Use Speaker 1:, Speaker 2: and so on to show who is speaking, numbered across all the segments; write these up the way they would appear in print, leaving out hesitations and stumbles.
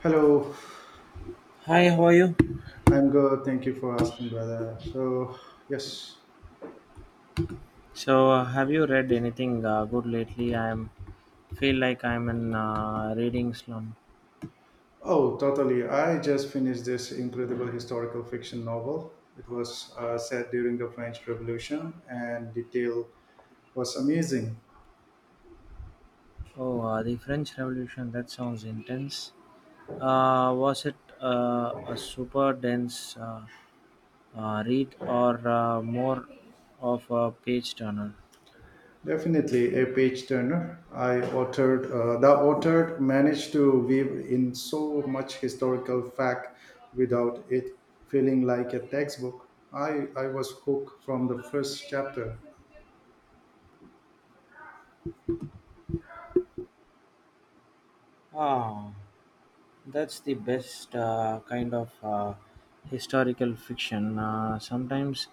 Speaker 1: Hello,
Speaker 2: Hi, how are you?
Speaker 1: I'm good. Thank you for asking, brother. So, yes.
Speaker 2: So, have you read anything good lately? I am feel like I'm in reading slum.
Speaker 1: Oh, totally. I just finished this incredible historical fiction novel. It was set during the French Revolution, and detail was amazing.
Speaker 2: Oh, the French Revolution. That sounds intense. Was it a super dense read or more of a page turner?
Speaker 1: Definitely a page turner. I authored The author managed to weave in so much historical fact without it feeling like a textbook. I was hooked from the first chapter.
Speaker 2: Ah. That's the best kind of historical fiction. Sometimes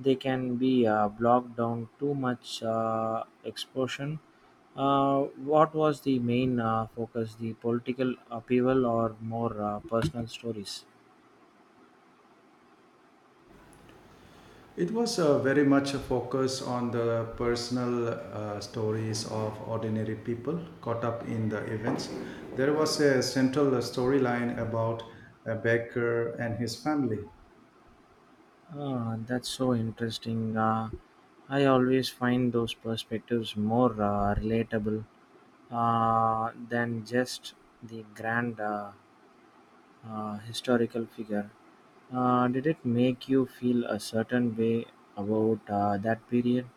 Speaker 2: they can be blocked down too much exposure. Uh, what was the main focus? The political upheaval or more personal stories?
Speaker 1: It was very much a focus on the personal stories of ordinary people caught up in the events. There was a central storyline about a baker and his family.
Speaker 2: Ah, that's so interesting. I always find those perspectives more relatable than just the grand historical figure. Did it make you feel a certain way about that period?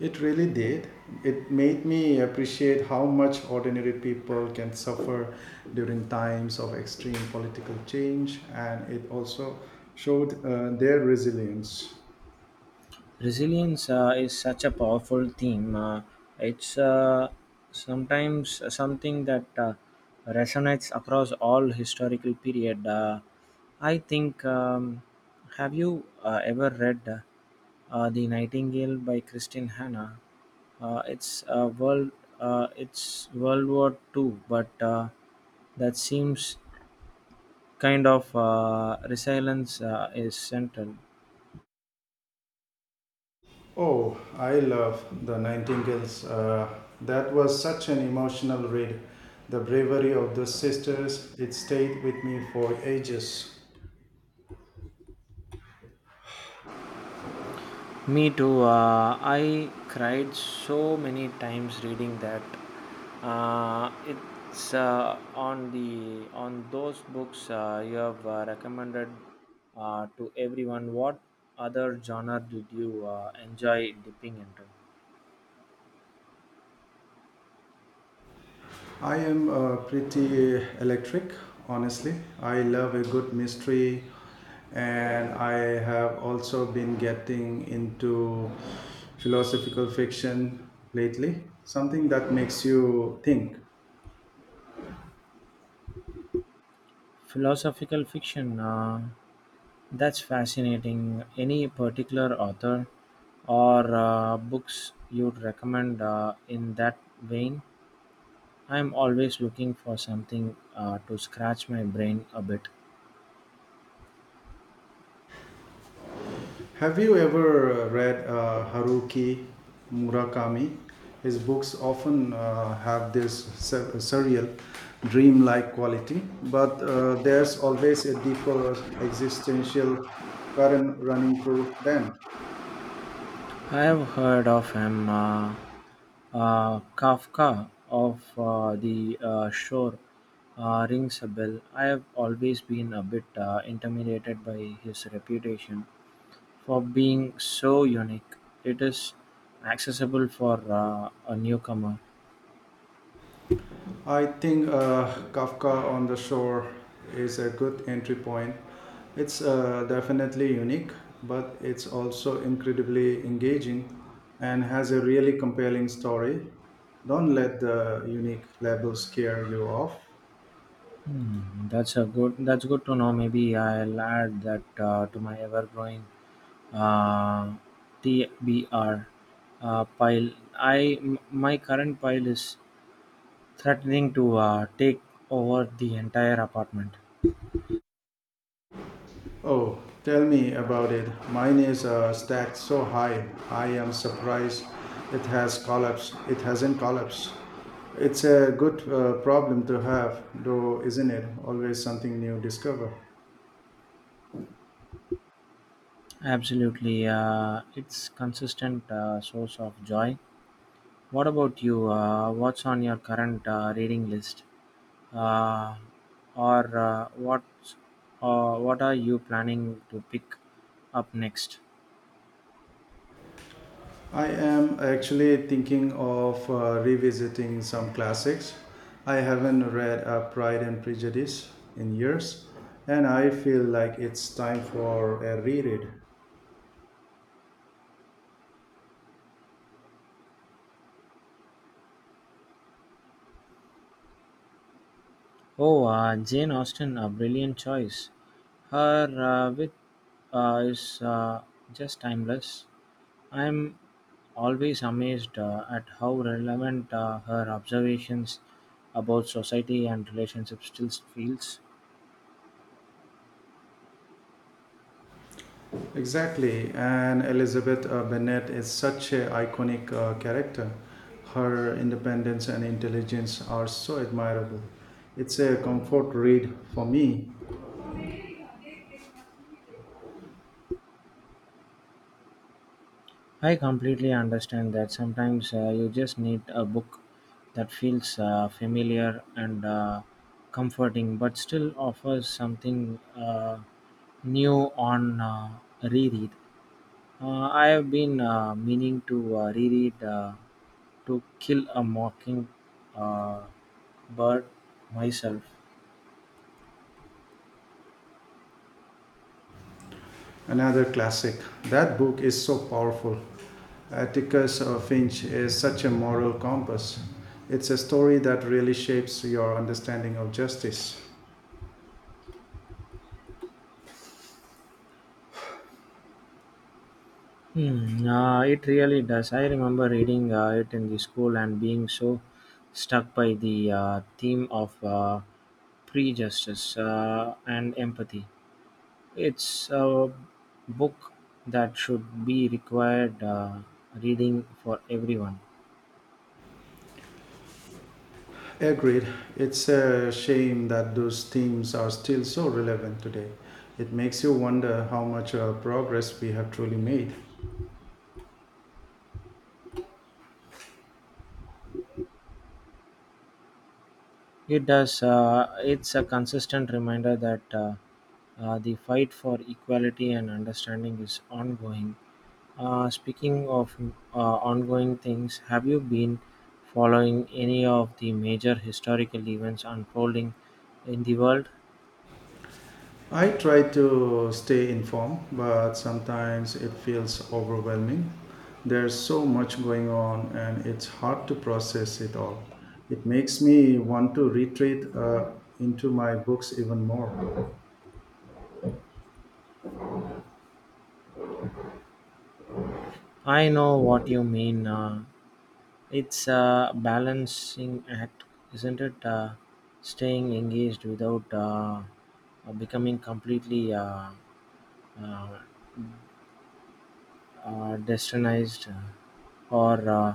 Speaker 1: It really did. It made me appreciate how much ordinary people can suffer during times of extreme political change, and it also showed their resilience.
Speaker 2: Resilience is such a powerful theme. It's sometimes something that resonates across all historical period. I think. Have you ever read "The Nightingale" by Christine Hanna. Uh, it's uh, world. It's World War II, but that seems kind of resilience is central.
Speaker 1: Oh, I love The Nightingales. That was such an emotional read. The bravery of the sisters, it stayed with me for ages.
Speaker 2: Me too. I cried so many times reading that. It's on the on those books you have recommended to everyone. What other genre did you enjoy dipping into?
Speaker 1: I am pretty electric, honestly. I love a good mystery, and I have also been getting into philosophical fiction lately, something that makes you think.
Speaker 2: Philosophical fiction. That's fascinating. Any particular author or books you'd recommend in that vein? I'm always looking for something to scratch my brain a bit.
Speaker 1: Have you ever read Haruki Murakami? His books often have this surreal, dreamlike quality, but there's always a deeper existential current running through them.
Speaker 2: I've heard of him, Kafka of the Shore rings a bell. I have always been a bit intimidated by his reputation for being so unique. It is accessible for a newcomer.
Speaker 1: I think Kafka on the Shore is a good entry point. It's definitely unique, but it's also incredibly engaging and has a really compelling story. Don't let the unique labels scare you off.
Speaker 2: Hmm, that's a good. That's good to know. Maybe I'll add that to my ever-growing uh, TBR pile. My current pile is threatening to take over the entire apartment.
Speaker 1: Oh, tell me about it. Mine is stacked so high. I am surprised it has collapsed. It hasn't collapsed. It's a good problem to have, though, isn't it? Always something new discover.
Speaker 2: Absolutely, it's consistent source of joy. What about you? What's on your current reading list, uh, or what are you planning to pick up next?
Speaker 1: I am actually thinking of revisiting some classics. I haven't read Pride and Prejudice in years, and I feel like it's time for a reread.
Speaker 2: Oh, Jane Austen, a brilliant choice. Her wit is just timeless. I'm always amazed at how relevant her observations about society and relationships still feels.
Speaker 1: Exactly, and Elizabeth Bennet is such an iconic character. Her independence and intelligence are so admirable. It's a comfort read for me.
Speaker 2: I completely understand that sometimes you just need a book that feels familiar and comforting, but still offers something new on reread. I have been meaning to reread To Kill a Mocking uh, Bird myself.
Speaker 1: Another classic. That book is so powerful. Atticus Finch is such a moral compass. It's a story that really shapes your understanding of justice.
Speaker 2: Hmm, it really does. I remember reading it in the school and being so struck by the theme of prejudice and empathy. It's a book that should be required reading for everyone.
Speaker 1: Agreed. It's a shame that those themes are still so relevant today. It makes you wonder how much progress we have truly made.
Speaker 2: It does. It's a consistent reminder that the fight for equality and understanding is ongoing. Speaking of ongoing things, have you been following any of the major historical events unfolding in the world?
Speaker 1: I try to stay informed, but sometimes it feels overwhelming. There's so much going on and it's hard to process it all. It makes me want to retreat into my books even more.
Speaker 2: I know what you mean. It's a balancing act, isn't it? Staying engaged without becoming completely uh, destinized or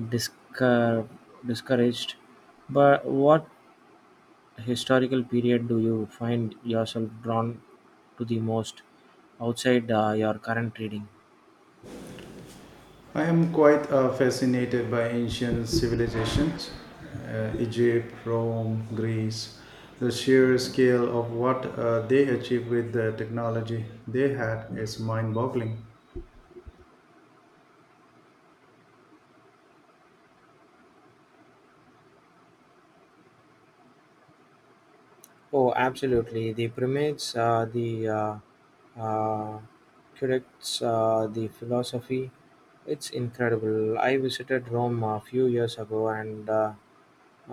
Speaker 2: discour- discouraged. But what historical period do you find yourself drawn to the most outside your current reading?
Speaker 1: I am quite fascinated by ancient civilizations, Egypt, Rome, Greece, the sheer scale of what they achieved with the technology they had is mind-boggling.
Speaker 2: Oh, absolutely. The primates, the uh, curates, the philosophy. It's incredible. I visited Rome a few years ago and uh,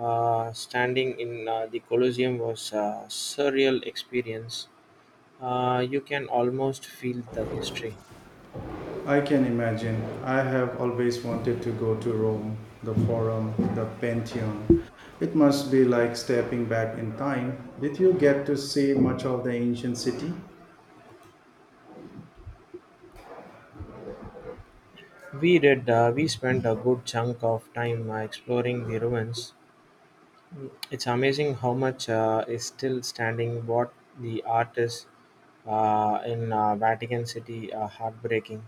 Speaker 2: Uh, standing in the Colosseum was a surreal experience. You can almost feel the history.
Speaker 1: I can imagine. I have always wanted to go to Rome, the Forum, the Pantheon. It must be like stepping back in time. Did you get to see much of the ancient city?
Speaker 2: We did. We spent a good chunk of time exploring the ruins. It's amazing how much is still standing. What the art is in Vatican City heartbreaking.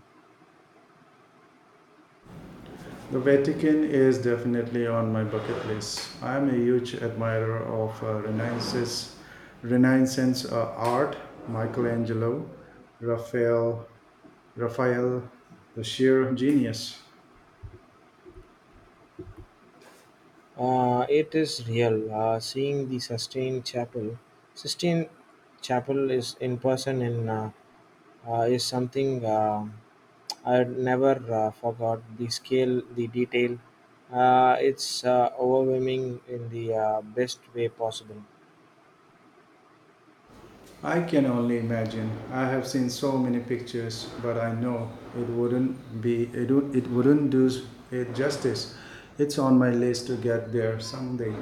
Speaker 1: The Vatican is definitely on my bucket list. I'm a huge admirer of Renaissance art, Michelangelo, Raphael, Raphael, the sheer genius.
Speaker 2: It is real. Seeing the Sistine Chapel is in person in is something. I never forgot the scale, the detail. It's overwhelming in the best way possible.
Speaker 1: I can only imagine. I have seen so many pictures, but I know it wouldn't be it, it wouldn't do it justice. It's on my list to get there someday.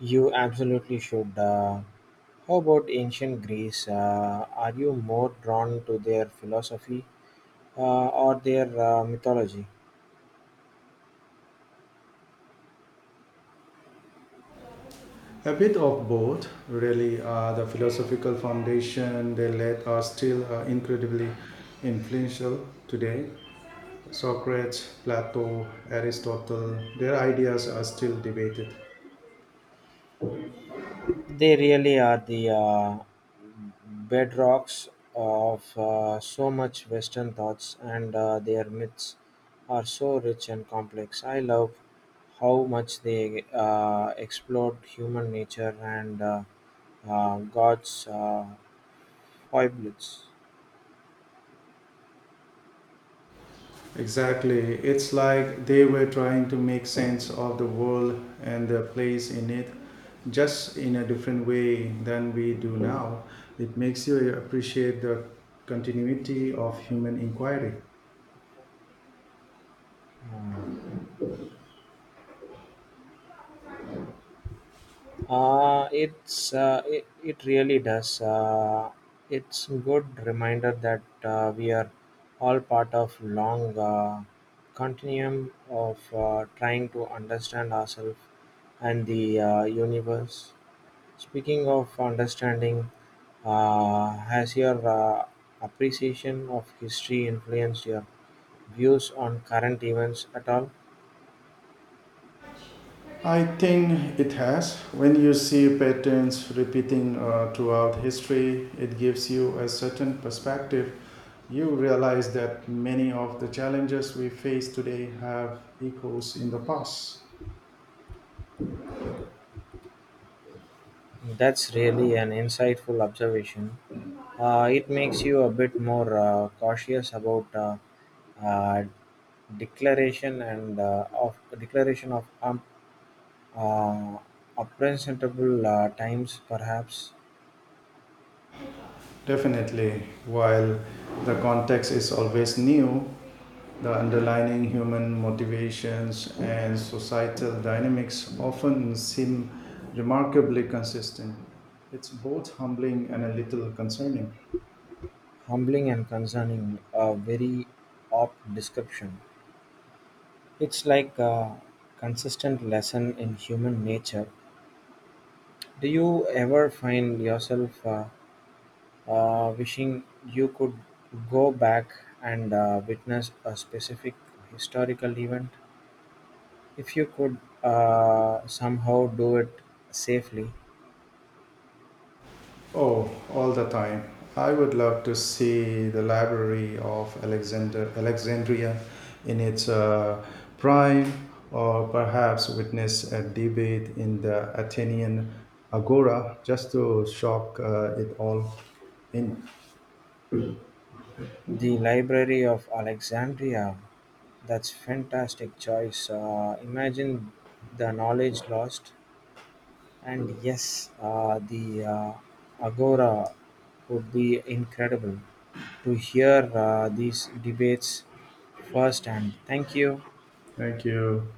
Speaker 2: You absolutely should. How about ancient Greece? Are you more drawn to their philosophy or their mythology?
Speaker 1: A bit of both, really. The philosophical foundation they laid are still incredibly influential today. Socrates, Plato, Aristotle, their ideas are still debated.
Speaker 2: They really are the bedrocks of so much Western thoughts, and their myths are so rich and complex. I love how much they explored human nature and God's foibles.
Speaker 1: Exactly. It's like they were trying to make sense of the world and their place in it, just in a different way than we do now. It makes you appreciate the continuity of human inquiry.
Speaker 2: Hmm. It really does. It's good reminder that we are all part of long continuum of trying to understand ourselves and the universe. Speaking of understanding, has your appreciation of history influenced your views on current events at all?
Speaker 1: I think it has. When you see patterns repeating throughout history, it gives you a certain perspective. You realize that many of the challenges we face today have echoes in the past.
Speaker 2: That's really an insightful observation. It makes you a bit more cautious about uh, declaration and of declaration of uh, unpresentable times, perhaps
Speaker 1: Definitely, while the context is always new, the underlying human motivations and societal dynamics often seem remarkably consistent. It's both humbling and a little concerning.
Speaker 2: humbling and concerning. A very opt description. It's like a consistent lesson in human nature. Do you ever find yourself wishing you could go back and witness a specific historical event? If you could somehow do it safely,
Speaker 1: Oh, all the time. I would love to see the Library of Alexander Alexandria in its prime, or perhaps witness a debate in the Athenian Agora just to shock it all in.
Speaker 2: the Library of Alexandria, that's fantastic choice. Imagine the knowledge lost, and yes, the Agora would be incredible to hear these debates firsthand. Thank you.
Speaker 1: Thank you.